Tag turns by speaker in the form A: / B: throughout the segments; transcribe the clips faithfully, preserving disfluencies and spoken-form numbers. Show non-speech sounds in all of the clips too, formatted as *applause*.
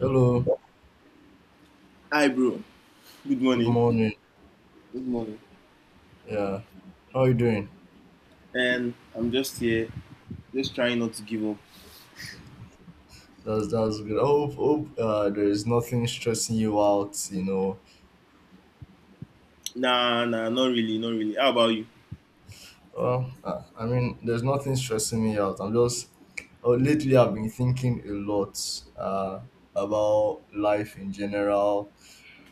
A: Hello,
B: Hi, bro. Good
A: good
B: morning.
A: morning.
B: Good morning.
A: Yeah, how are you doing?
B: And I'm just here, just trying not to give up.
A: That's that's good. I hope hope uh, there is nothing stressing you out. You know,
B: Nah, nah, not really, not really. How about you?
A: well, uh, I mean, there's nothing stressing me out. I'm just oh, lately I've been thinking a lot uh, about life in general.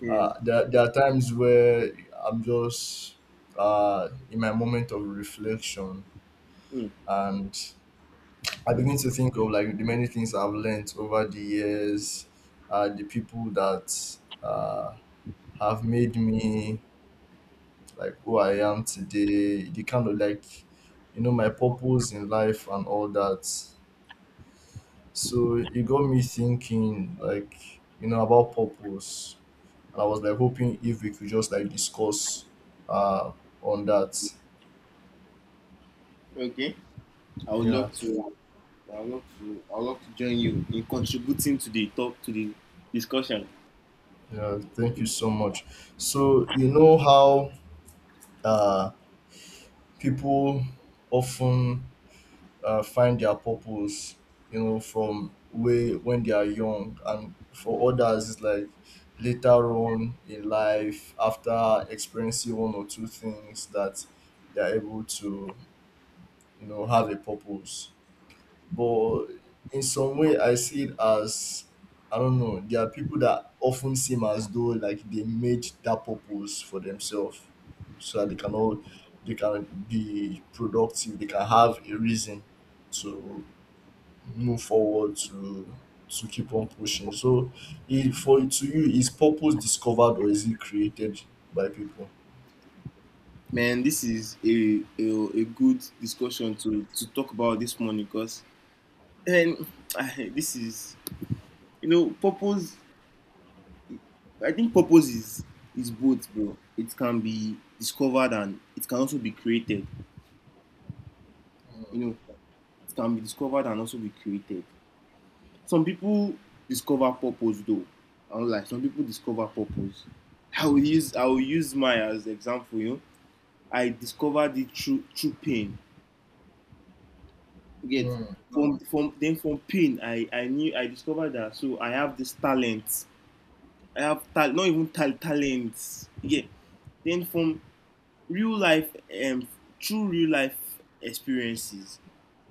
B: Yeah.
A: Uh, there there are times where I'm just uh, in my moment of reflection,
B: Hmm.
A: and I begin to think of like the many things I've learned over the years, uh, the people that uh, have made me like who I am today, the kind of like, you know, my purpose in life and all that. So it got me thinking like, you know, about purpose. And I was like hoping if we could just like discuss uh, on that.
B: Okay. I would
A: Yeah,
B: love to. I would love to. I would love to join you in contributing to the talk to the discussion.
A: yeah, thank you so much. So, you know how. Uh, People often uh, find their purpose, you know, from way when they are young, and for others it's like later on in life after experiencing one or two things that they're able to, you know, have a purpose. But in some way I see it as, I don't know, there are people that often seem as though like they made that purpose for themselves so that they can all they can be productive, they can have a reason to move forward, to to keep on pushing. So, it, for to you, is purpose discovered or is it created by people?
B: Man, this is a a, a good discussion to to talk about this morning because and *sighs* *tsk* this is you know purpose. I think purpose is is both, bro. It can be discovered and it can also be created. You know, it can be discovered and also be created. Some people discover purpose though. I don't, like, some people discover purpose. I will use I will use mine as example, you know. I discovered it through through pain. You get.
A: Mm,
B: From from then from pain, I, I knew I discovered that, so I have this talent. I have tal- not even tal- talents. Yeah. Then from real life um through real life experiences,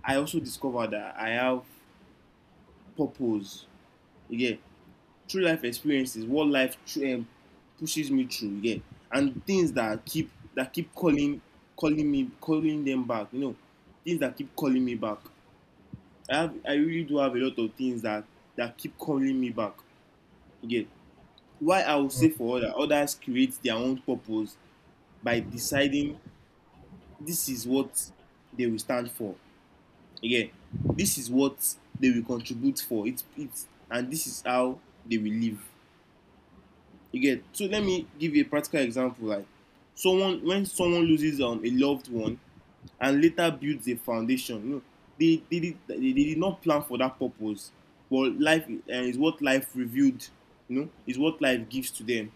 B: I also discovered that I have purpose again through life experiences. What life tr- um, pushes me through again, and things that keep that keep calling calling me, calling them back, you know things that keep calling me back. I have i really do have a lot of things that that keep calling me back again. Why I would
A: mm,
B: say for other others create their own purpose by deciding this is what they will stand for. Again, this is what they will contribute for. It's it's and this is how they will live. Again, so let me give you a practical example. Like someone when someone loses um, a loved one and later builds a foundation, you know, they they did they, they did not plan for that purpose. But life uh, is what life revealed, you know, is what life gives to them.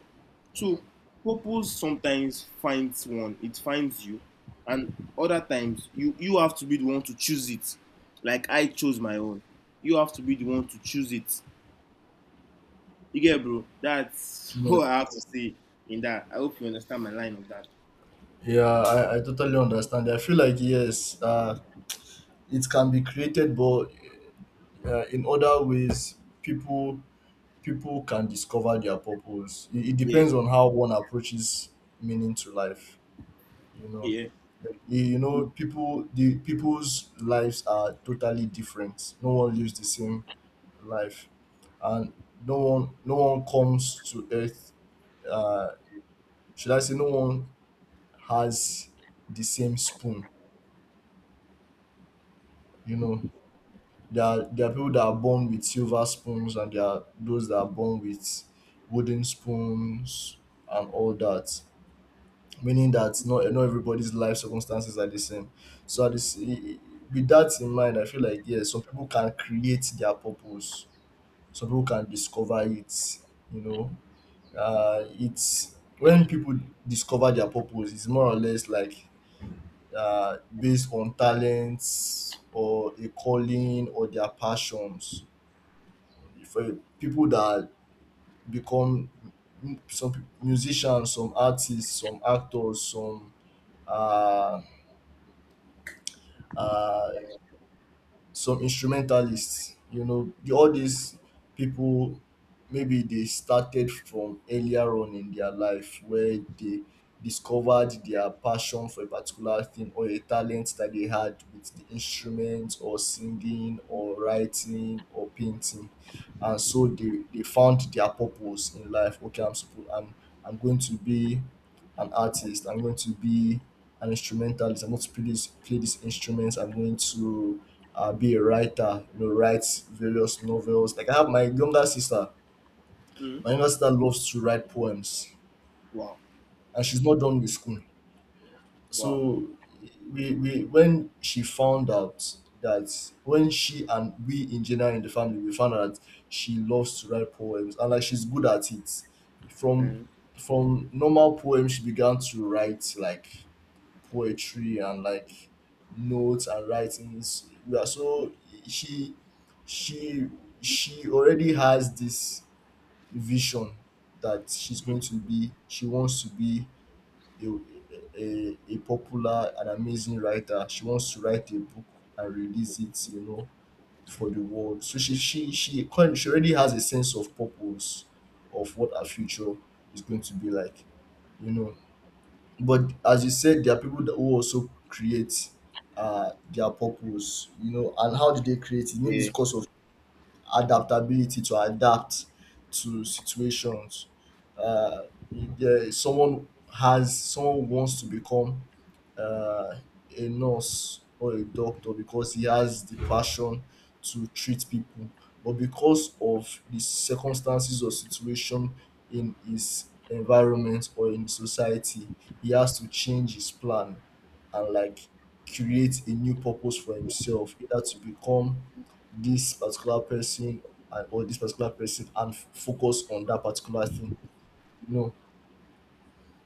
B: So
A: mm,
B: purpose sometimes finds one, it finds you, and other times you you have to be the one to choose it. Like I chose my own. You have to be the one to choose it. You get, bro? That's *laughs*
A: mm.
B: what I have to say in that. I hope you understand my line of that.
A: Yeah, yeah, I, I totally understand. I feel like yes, uh it can be created, but uh, in other ways people people can discover their purpose. It, it
B: Yeah,
A: depends on how one approaches meaning to life, you know.
B: yeah.
A: Like, you you know, people the people's lives are totally different. No one lives the same life, and no one no one comes to earth, uh should I say, no one has the same spoon, you know. There are, there are people that are born with silver spoons, and there are those that are born with wooden spoons and all that. Meaning that not not everybody's life circumstances are the same. So at this, with that in mind, I feel like yes, some people can create their purpose. Some people can discover it. You know, uh, it's when people discover their purpose, it's more or less like uh, based on talents or a calling or their passions. For people that become m- some pe- musicians, some artists, some actors, some uh, uh, some instrumentalists, you know, the, all these people, maybe they started from earlier on in their life where they discovered their passion for a particular thing or a talent that they had with the instrument or singing or writing or painting. And so they, they found their purpose in life. Okay, I'm supposed i'm i'm going to be an artist, I'm going to be an instrumentalist, I'm going to play this play these instruments, I'm going to uh, be a writer, you know, writes various novels. Like I have my younger sister.
B: Mm.
A: My younger sister loves to write poems,
B: Wow,
A: and she's not done with school.
B: wow.
A: So we, we when she found out that when she and we in general in the family we found out that she loves to write poems and like she's good at it. From
B: Mm.
A: from normal poems she began to write like poetry and like notes and writings. We are so she she she already has this vision that she's going to be she wants to be a, a, a popular and amazing writer. She wants to write a book and release it, you know, for the world. So she she she kind- she already has a sense of purpose of what her future is going to be like, you know. But as you said, there are people that who also create uh, their purpose, you know. And how do they create it? Maybe it's
B: Yeah.
A: because of adaptability, to adapt to situations. Uh, there, Someone has someone wants to become uh, a nurse or a doctor because he has the passion to treat people, but because of the circumstances or situation in his environment or in society, he has to change his plan and like create a new purpose for himself, either to become this particular person and or this particular person and f- focus on that particular thing, you know.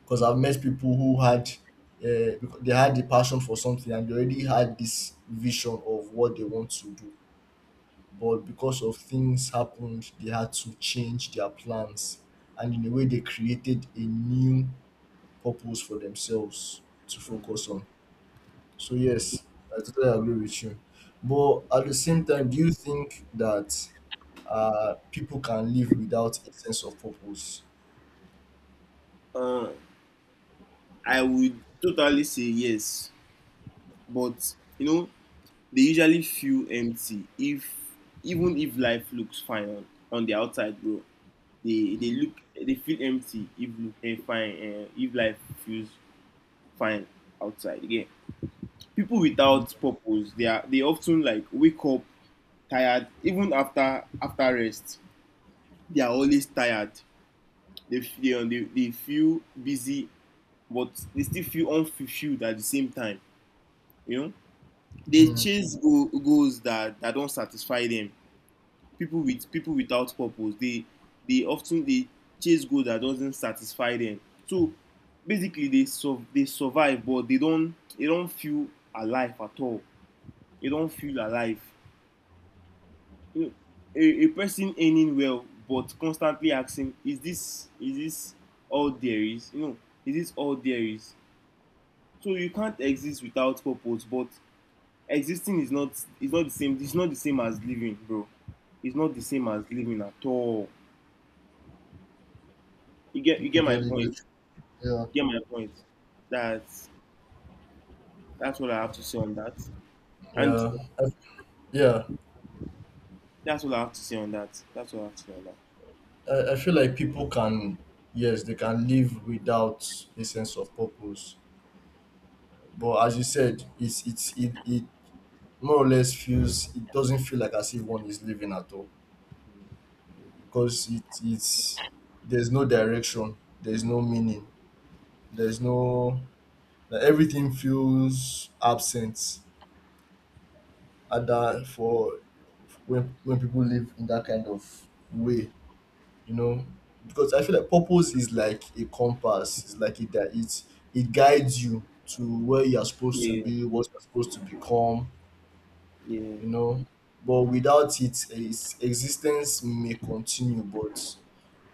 A: Because I've met people who had uh, they had the passion for something and they already had this vision of what they want to do, but because of things happened they had to change their plans. And in a way they created a new purpose for themselves to focus on. So yes, I totally agree with you. But at the same time, do you think that uh, people can live without a sense of purpose?
B: Uh, I would totally say yes, but you know they usually feel empty if even if life looks fine on, on the outside, bro. they they
A: Mm,
B: look they feel empty if look eh, fine eh, if life feels fine outside again. People
A: mm,
B: without purpose, they are they often, like, wake up tired even after after rest. They are always tired. They feel they, they feel busy, but they still feel unfulfilled at the same time, you know they
A: mm,
B: chase go, goals that that don't satisfy them. People with people without purpose, they they often they chase goals that doesn't satisfy them. So basically they so they survive, but they don't they don't feel alive at all. They don't feel alive, you know a a person earning well but constantly asking, is this is this all there is, you know is this all there is? So you can't exist without purpose, but existing is not is not the same. It's not the same as living, bro. It's not the same as living at all. You get you get my
A: totally
B: point.
A: good. Yeah.
B: You get my point. That's that's what I have to say on that. And
A: Yeah, I, yeah.
B: that's what I have to say on that. That's what I have to say on that.
A: I, I feel like people can, yes, they can live without a sense of purpose. But as you said, it's it's it, it more or less feels it doesn't feel like as if one is living at all because it it's there's no direction, there's no meaning. There's no that everything feels absent at that for when when people live in that kind of way, you know. Because I feel like purpose is like a compass. It's like it that it it guides you to where you are supposed to
B: Yeah,
A: be, what you're supposed to become,
B: yeah,
A: you know. But without it, its existence may continue, but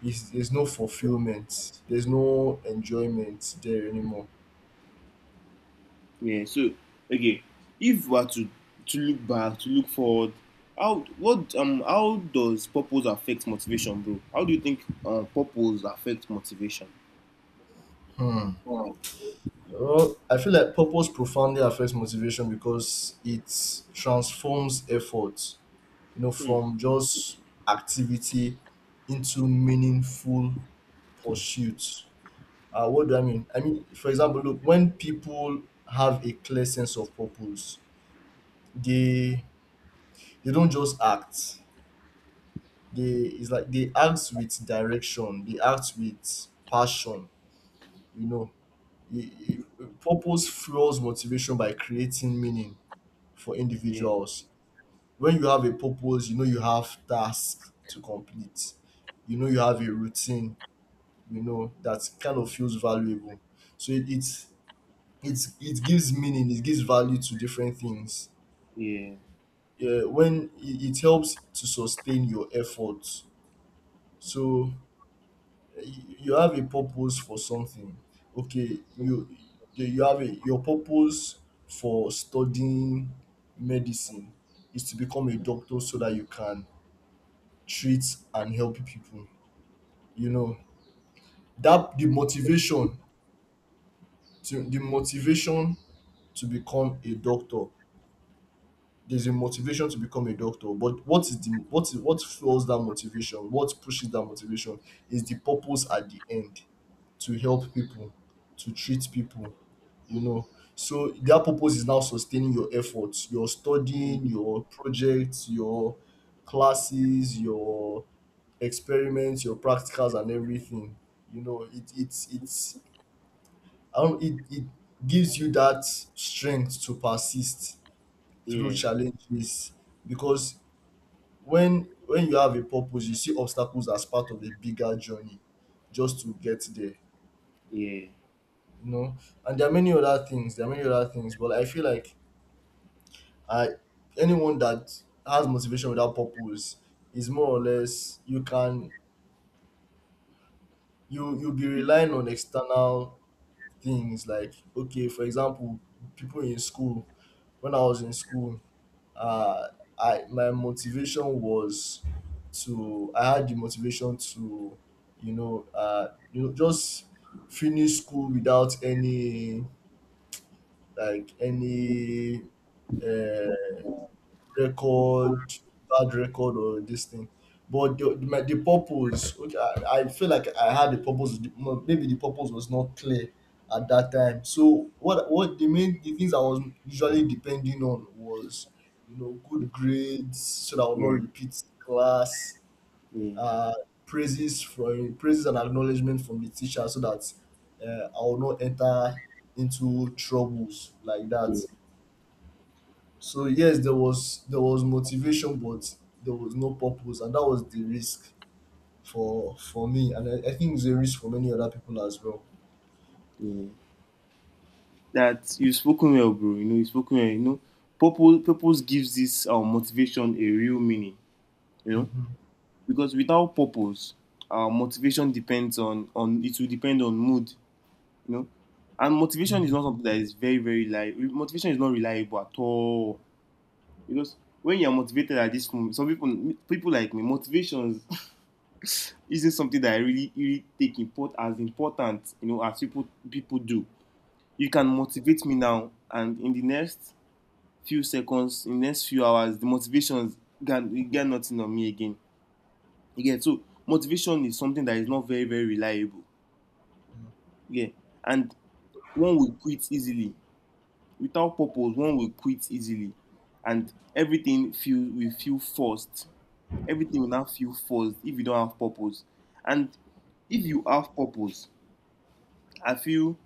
A: it's, there's no fulfillment. There's no enjoyment there anymore.
B: yeah. So, okay, if we are to to look back, to look forward, how what um how does purpose affect motivation, bro? How do you think uh, purpose affects motivation? Wow.
A: Uh, I feel like purpose profoundly affects motivation because it transforms effort, you know,
B: Hmm.
A: from just activity into meaningful pursuit. Uh, what do I mean? I mean, for example, look, when people have a clear sense of purpose, they they don't just act. They, it's like they act with direction. They act with passion. You know, I- I- purpose fuels motivation by creating meaning for
B: Yeah,
A: individuals. When you have a purpose, you know you have tasks to complete. You know you have a routine. You know that kind of feels valuable. So it, it's it's it gives meaning. It gives value to different things.
B: yeah,
A: Yeah, when it, it helps to sustain your efforts. So you, you have a purpose for something. Okay, you you you have a your purpose for studying medicine is to become a doctor so that you can treat and help people. You know, that the motivation to the motivation to become a doctor. There's a motivation to become a doctor, but what is the what is what fuels that motivation? What pushes that motivation is the purpose at the end, to help people, to treat people, you know. So their purpose is now sustaining your efforts, your studying, your projects, your classes, your experiments, your practicals, and everything. You know, it it's it's I don't, it it gives you that strength to persist through
B: yeah,
A: challenges, because when when you have a purpose, you see obstacles as part of a bigger journey just to get there.
B: yeah,
A: You know, and there are many other things. There are many other things, but I feel like I anyone that has motivation without purpose is more or less, you can, you you'll be relying on external things. Like okay, for example, people in school, when I was in school, uh I my motivation was to, I had the motivation to, you know, uh you know, just finish school without any like any uh record, bad record, or this thing. But the the, my, the purpose, okay, I, I feel like I had the purpose. The- no, Maybe the purpose was not clear at that time. So what what the main the things I was usually depending on was, you know, good grades so that I will
B: yeah,
A: not repeat class.
B: yeah,
A: Uh, Praises from praises and acknowledgement from the teacher so that uh, I will not enter into troubles like
B: yeah,
A: that. So yes, there was there was motivation, but there was no purpose, and that was the risk for for me, and I, I think it's a risk for many other people as well.
B: yeah. That you've spoken well, bro. You know, you've spoken well. You know, purpose, purpose gives this um, motivation a real meaning. You know,
A: Hmm.
B: because without purpose, uh, motivation depends on on it will depend on mood. You know, and motivation is not something that is very very, like, motivation is not reliable at all. Because when you're motivated at this moment, some people people like me, motivations *laughs* isn't something that I really really take import as important. You know, as people people do. You can motivate me now, and in the next few seconds, in the next few hours, the motivation gan e get nothing on me again. You get, so motivation is something that is not very very reliable. Yeah. And one will quit easily. Without purpose, one will quit easily, and everything feel will feel forced. Everything will now feel forced if you don't have purpose. And if you have purpose, I feel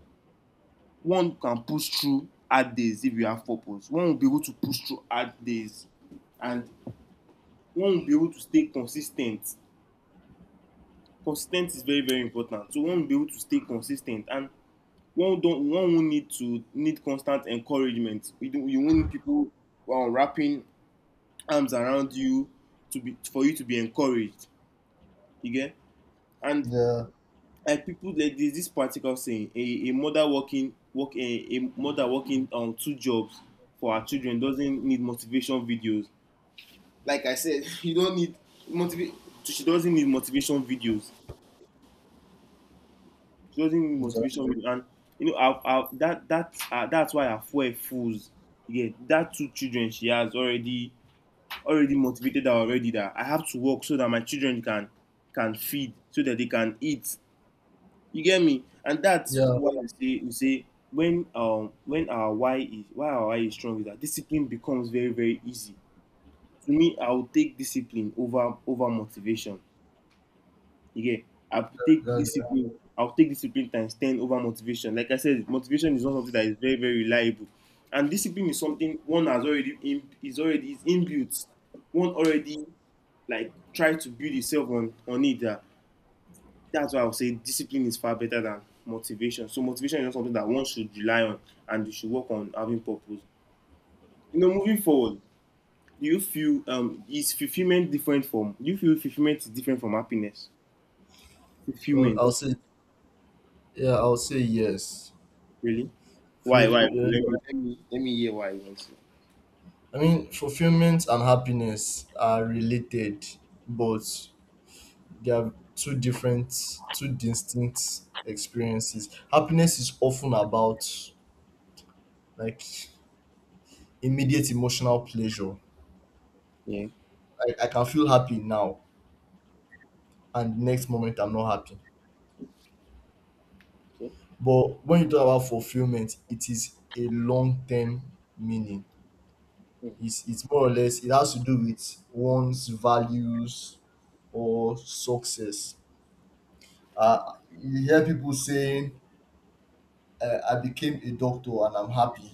B: one can push through hard days. If you have purpose, one will be able to push through hard days. And one will be able to stay consistent consistent is very very important. So one will be able to stay consistent, and one don't, one will need to need constant encouragement. You don't, you won't need people um, wrapping arms around you to be for you to be encouraged. You get, and
A: Yeah,
B: like people like there's this particular saying, a a mother working work a, a mother working on um, two jobs for her children doesn't need motivation videos. Like I said, *laughs* you don't need motivate. She doesn't need motivation videos. She doesn't need
A: exactly.
B: motivation. with- And you know, I've, I've, that that uh, that's why her fuel fools. Yeah, that two children she has already already motivated her already, that I have to work so that my children can can feed so that they can eat. You get me? And that's
A: Yeah,
B: why I say, we say, when um when our why is, why our why is strong, is that discipline becomes very very easy. To me, I will take discipline over over motivation. Again, I'll take
A: yeah. Yeah.
B: discipline. I'll take discipline times ten over motivation. Like I said, motivation is not something that is very very reliable, and discipline is something one has already in, is already is inbuilt. One already, like, try to build itself on on it. That, that's why I would say discipline is far better than motivation. So motivation is not something that one should rely on, and you should work on having purpose. You know, moving forward, do you feel um is fulfillment different from? Do you feel fulfillment is different from happiness?
A: Well,
B: Fulfillment.
A: I'll say yeah, I'll say yes.
B: Really? Why?
A: Fu-
B: Why?
A: yeah.
B: Let me- Let me let me hear why you want to.
A: I mean, fulfillment and happiness are related, but they are two different, two distinct experiences. Happiness is often about like immediate emotional pleasure.
B: Yeah.
A: I, I can feel happy now and the next moment I'm not happy.
B: Okay.
A: But when you talk about fulfillment, it is a long term meaning.
B: Mm,
A: It's, it's more or less, it has to do with one's values or success. Uh, you hear people saying, uh, I became a doctor and I'm happy,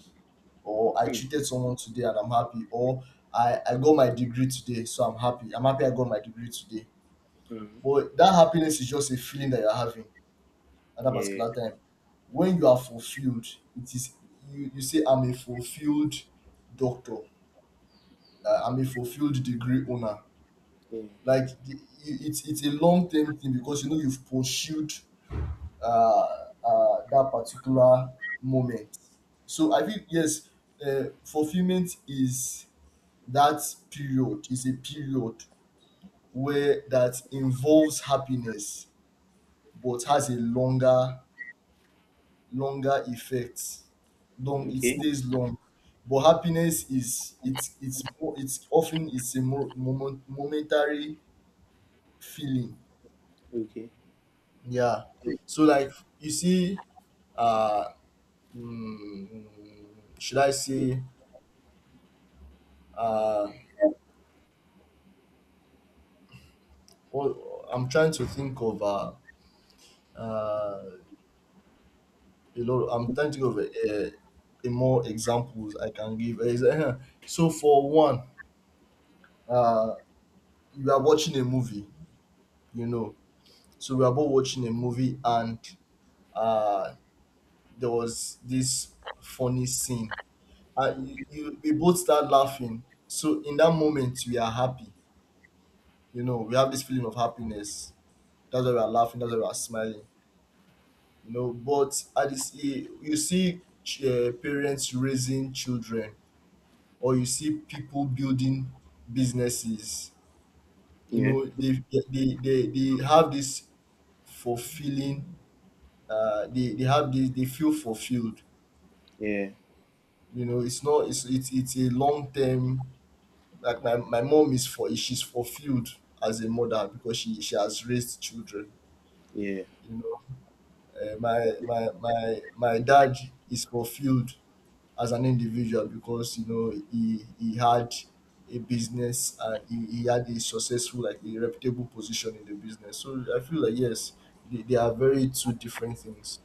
A: or I
B: mm,
A: treated someone today and I'm happy, or I, I got my degree today, so I'm happy. I'm happy I got my degree today.
B: mm.
A: But that happiness is just a feeling that you're having at that
B: Yeah.
A: particular time. When you are fulfilled, it is you, you say I'm a fulfilled doctor, uh, I'm a fulfilled degree owner.
B: Yeah.
A: Like the, i- it's it's a long term thing because you know you've pursued uh, uh, that particular moment. So I think yes, uh, fulfillment is that period is a period where that involves happiness but has a longer longer effects, long it
B: Okay.
A: stays long, but happiness is it's it's mo- it's often it's a mo- moment, momentary feeling.
B: Okay.
A: Yeah. So like you see uh mm, should I say uh what, I'm trying to think of uh uh a lot i'm trying to think of a, a, a more examples I can give Ex- *laughs* so for one, uh you are watching a movie, you know. So we were both watching a movie, and uh, there was this funny scene. Uh, you, you, we both start laughing. So in that moment, we are happy. You know, we have this feeling of happiness. That's why we are laughing. That's why we are smiling. You know, but at this, you you see ch- uh, parents raising children, or you see people building businesses. You
B: Yeah.
A: know, they they they, they have this fulfilling. Uh, they they have this. They feel fulfilled.
B: Yeah.
A: You know, it's not it's it's it's a long term. Like my, my mom is for she's fulfilled as a mother because she, she has raised children,
B: Yeah.
A: you know. Uh, my my my my dad is fulfilled as an individual because you know he he had a business and he, he had a successful like a reputable position in the business. So I feel like yes, they, they are very two different things.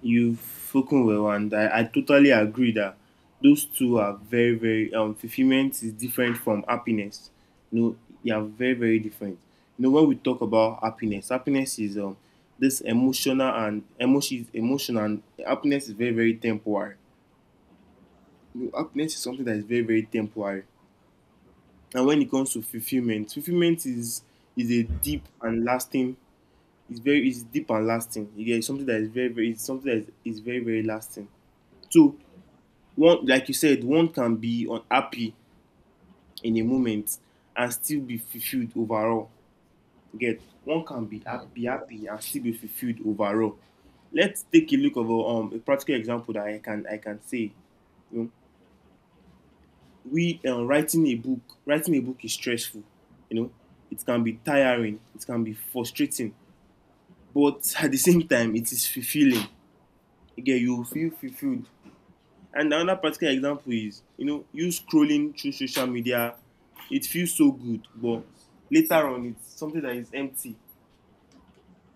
B: You've spoken well, and I, I totally agree that those two are very, very um fulfillment is different from happiness. You know, they are very, very different. You know, when we talk about happiness, happiness, is um this emotional, and emotion is emotional, and happiness is very, very temporary. You know, happiness is something that is very, very temporary. And when it comes to fulfillment, fulfillment is is a deep and lasting. It's very it's deep and lasting. You get, it's something that is very very, it's something that is, is very very lasting. So one like you said, one can be unhappy in a moment and still be fulfilled overall. You get, one can be
A: Mm,
B: happy happy and still be fulfilled overall. Let's take a look of a, um a practical example that I can I can say. You know, we uh, writing a book writing a book is stressful. you know it can be tiring, it can be frustrating, but *laughs* at the same time it is fulfilling. Again, you feel fulfilled. And another particular example is, you know you scrolling through social media, it feels so good, but later on it's something that is empty.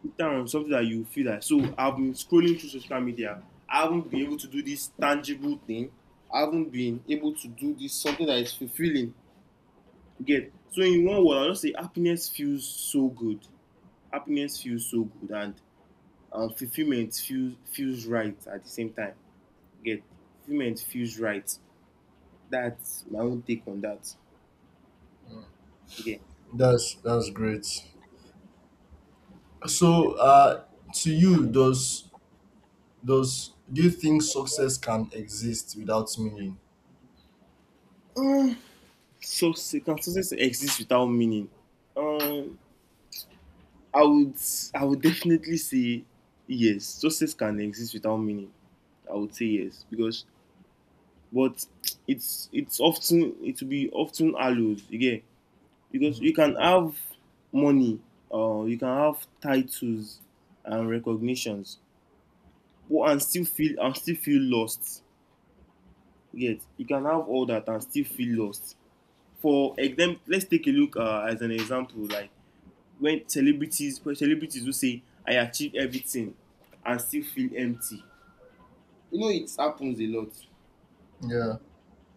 B: Later on, something that you feel, that, so I've been scrolling through social media, I haven't been able to do this tangible thing. I haven't been able to do this something that is fulfilling. You get, so, in one word, I just say happiness feels so good. Happiness feels so good, and um, fulfillment feels feels right at the same time. You get, fulfillment feels right. That's my own take on that.
A: mm.
B: Yeah.
A: That's that's great. So, uh, to you, does does do you think success can exist without meaning?
B: Success can success exist without meaning? Um, I would I would definitely say yes. Success can exist without meaning. I would say yes because but it's it's often it will be often allowed again because
A: Mm,
B: you can have money or uh, you can have titles and recognitions but and still feel and still feel lost you you can have all that and still feel lost. For example, let's take a look uh, as an example, like when celebrities celebrities who say I achieve everything and still feel empty, you know it happens a lot.
A: Yeah.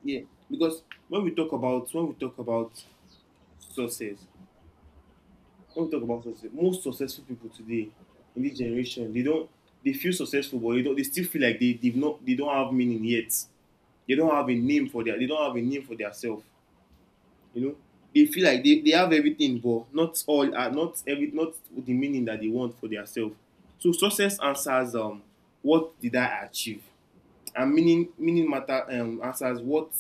B: Yeah, because when we talk about when we talk about success, when we talk about success, most successful people today in this generation, they don't, they feel successful, but they don't, they still feel like they, they've not, they don't have meaning yet. They don't have a name for their, they don't have a name for their self. You know, they feel like they, they have everything, but not all uh, not every, not the meaning that they want for their self. So success answers um what did I achieve? And meaning meaning matter um, answers what,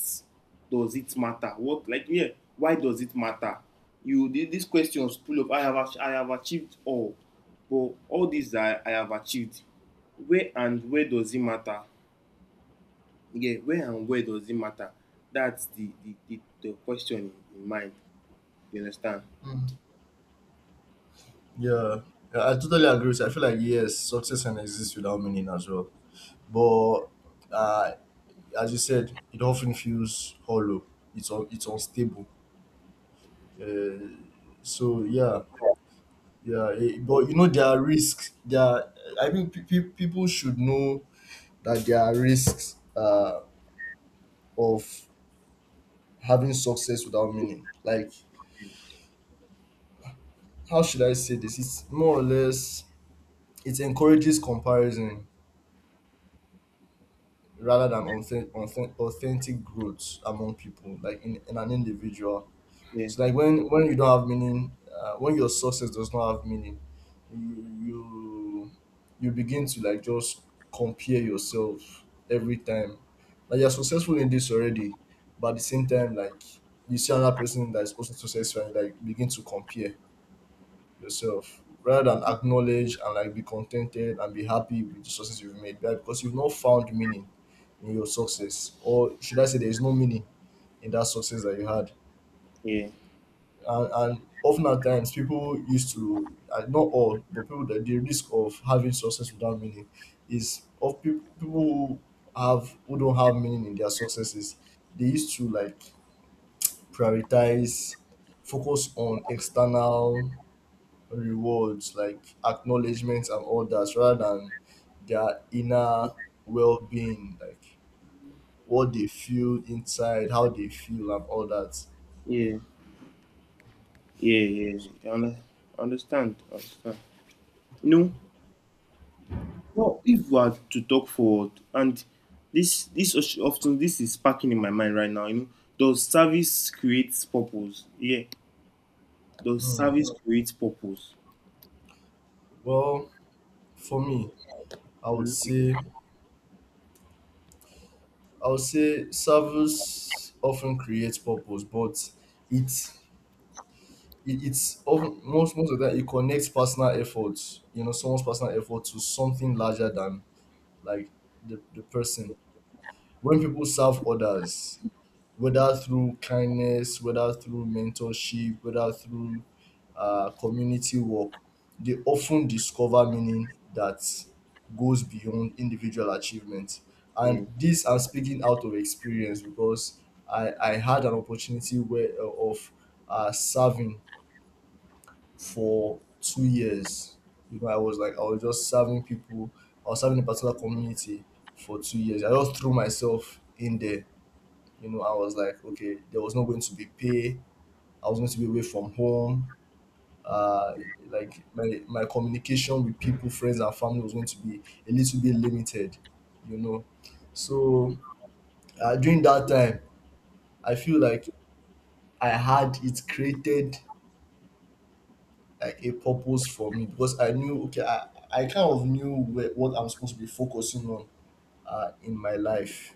B: does it matter what, like, yeah, why does it matter. You, the, these questions pull up, i have ach- I have achieved all, but all these i i have achieved, where and where does it matter. Yeah, where and where does it matter. That's the the the, the question in, in mind, you understand.
A: mm, Yeah. Yeah, I totally agree with you. I feel like yes, success can exist without meaning as well. But uh, as you said, it often feels hollow. It's un- it's unstable. Uh, so yeah, yeah. eh, But you know there are risks. There, are, I mean, pe- pe- people should know that there are risks uh, of having success without meaning. Like how should I say this? It's more or less it encourages comparison rather than authen- authen- authentic growth among people, like in, in an individual.
B: yeah
A: So like when when you don't have meaning, uh, when your success does not have meaning, you you you begin to like just compare yourself every time. Like you're successful in this already, but at the same time, like you see another person that is also successful and you, like begin to compare yourself rather than acknowledge and like be contented and be happy with the success you've made, right? Because you've not found meaning in your success, or should I say there is no meaning in that success that you had.
B: yeah
A: And, and often at times people used to and not all, but people that the risk of having success without meaning is of people, people who have who don't have meaning in their successes. They used to like prioritize focus on external rewards like acknowledgements and all that rather than their inner well-being, like what they feel inside, how they feel and all that.
B: yeah yeah yeah I under- I understand, I understand, you know. Well, if we are to talk forward, and this this os- often this is sparking in my mind right now. You know, does service creates purpose? Yeah, does
A: Hmm.
B: service creates purpose?
A: Well, for me, i would
B: Mm.
A: say I would say service often creates purpose, but it's it, it's often most most of that it connects personal efforts, you know, someone's personal effort to something larger than like the, the person. When people serve others, whether through kindness, whether through mentorship, whether through uh, community work, they often discover meaning that goes beyond individual achievement. And
B: Yeah,
A: this I'm speaking out of experience because I, I had an opportunity where uh, of uh, serving for two years. You know, I was like I was just serving people. I was serving a particular community for two years. I just threw myself in there. You know, I was like, okay, there was not going to be pay. I was going to be away from home. Uh, like my my communication with people, friends, and family was going to be a little bit limited. You know, so uh, during that time, I feel like I had it created like a purpose for me because I knew okay, I I kind of knew where, what I'm supposed to be focusing on uh, in my life.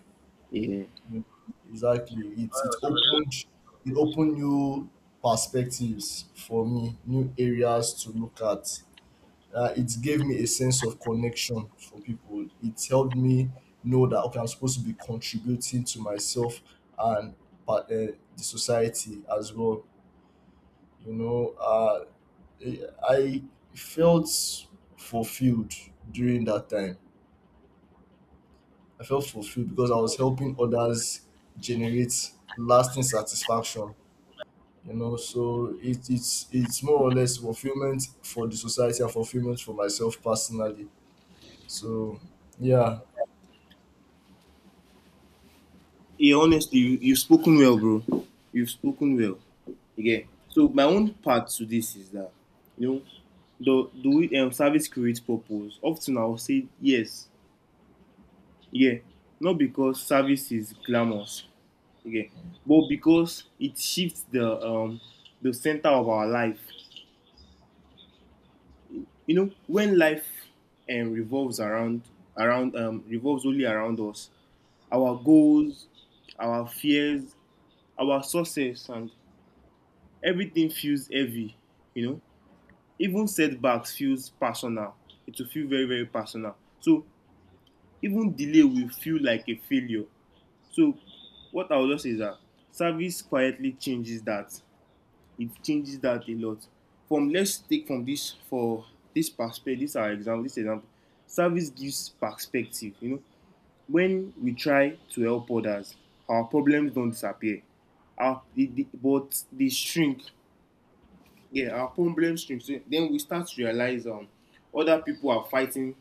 B: yeah.
A: Mm. Exactly. It it opened it opened new perspectives for me, new areas to look at. Uh, it gave me a sense of connection for people. It helped me know that okay, I'm supposed to be contributing to myself and but uh, the society as well. You know, uh, I felt fulfilled during that time. I felt fulfilled because I was helping others generate lasting satisfaction. You know, so it, it's it's more or less fulfillment for the society and fulfillment for myself personally. So yeah.
B: Yeah, honestly, you, you've spoken well, bro. You've spoken well. Yeah. So my own part to this is that, you know, do do we, um, service create purpose? Often I will say yes. Yeah. Not because service is glamorous. Okay. But because it shifts the um the center of our life. You know, when life um, revolves around around um revolves only around us, our goals, our fears, our success, and everything feels heavy, you know. Even setbacks feels personal. It will feel very, very personal. So even delay will feel like a failure. So what I would just say is that service quietly changes that, it changes that a lot. From let's take from this for this perspective, this our example, this example. Service gives perspective. You know, when we try to help others, our problems don't disappear. Our the, the, but they shrink. Yeah, our problems shrink. So then we start to realize um other people are fighting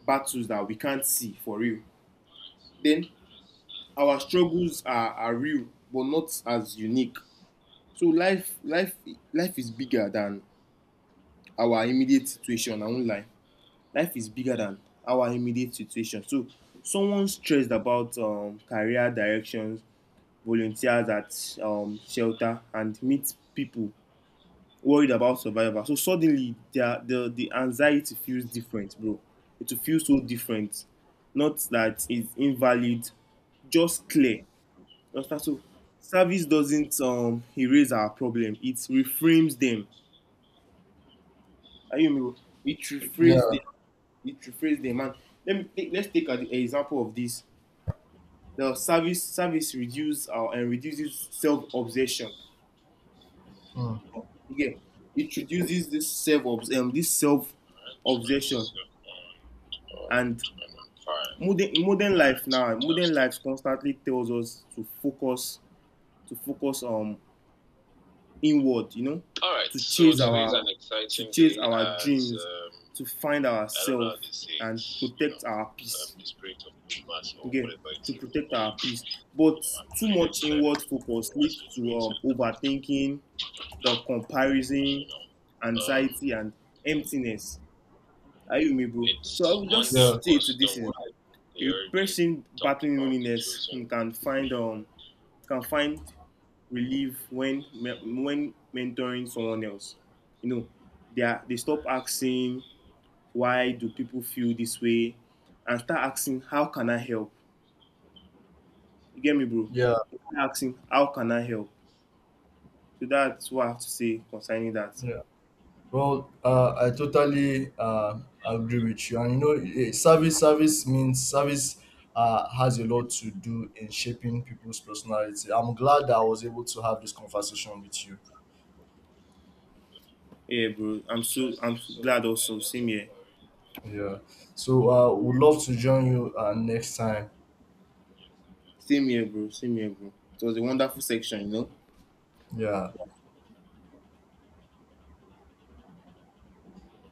B: battles that we can't see for real. Then our struggles are, are real but not as unique. So life life life is bigger than our immediate situation. I won't lie. Life is bigger than our immediate situation. So someone stressed about um, career directions volunteers at um, shelter and meet people worried about survival. So suddenly the the the anxiety feels different, bro. It will feel so different. Not that it's invalid, just clear. You understand? So service doesn't um erase our problem, it reframes them. Are you with me, bro? It reframes them,
A: Yeah.
B: it rephrase them. And let me take, let's take an example of this. The service service reduces uh, and reduces self obsession.
A: Mm.
B: Again, it reduces this self, um, this self obsession. And modern modern life now modern life constantly tells us to focus, to focus on inward, you know, to chase
A: Yeah,
B: our- to chase our dreams, to find ourselves, and protect our, um, peace. Um, Yeah, to protect our peace. But too much inward focus leads to, um, overthinking, the comparison, anxiety, and emptiness. Are you with me, bro? So I would just
A: yeah,
B: say to this, a person battling loneliness can find um can find relief when when mentoring someone else. You know, they are, they stop asking why do people feel this way, and start asking how can I help. You get me, bro?
A: yeah,
B: Start asking how can I help. So that's what I have to say concerning that.
A: yeah. Well, uh, I totally uh, agree with you. And you know, eh, service service means service uh, has a lot to do in shaping people's personality. I'm glad that I was able to have this conversation with you.
B: Yeah, bro. I'm so I'm so glad also. Same here.
A: Yeah. So uh, would love to join you uh, next time.
B: Same here, bro. Same here, bro. It was a wonderful section, you know.
A: Yeah.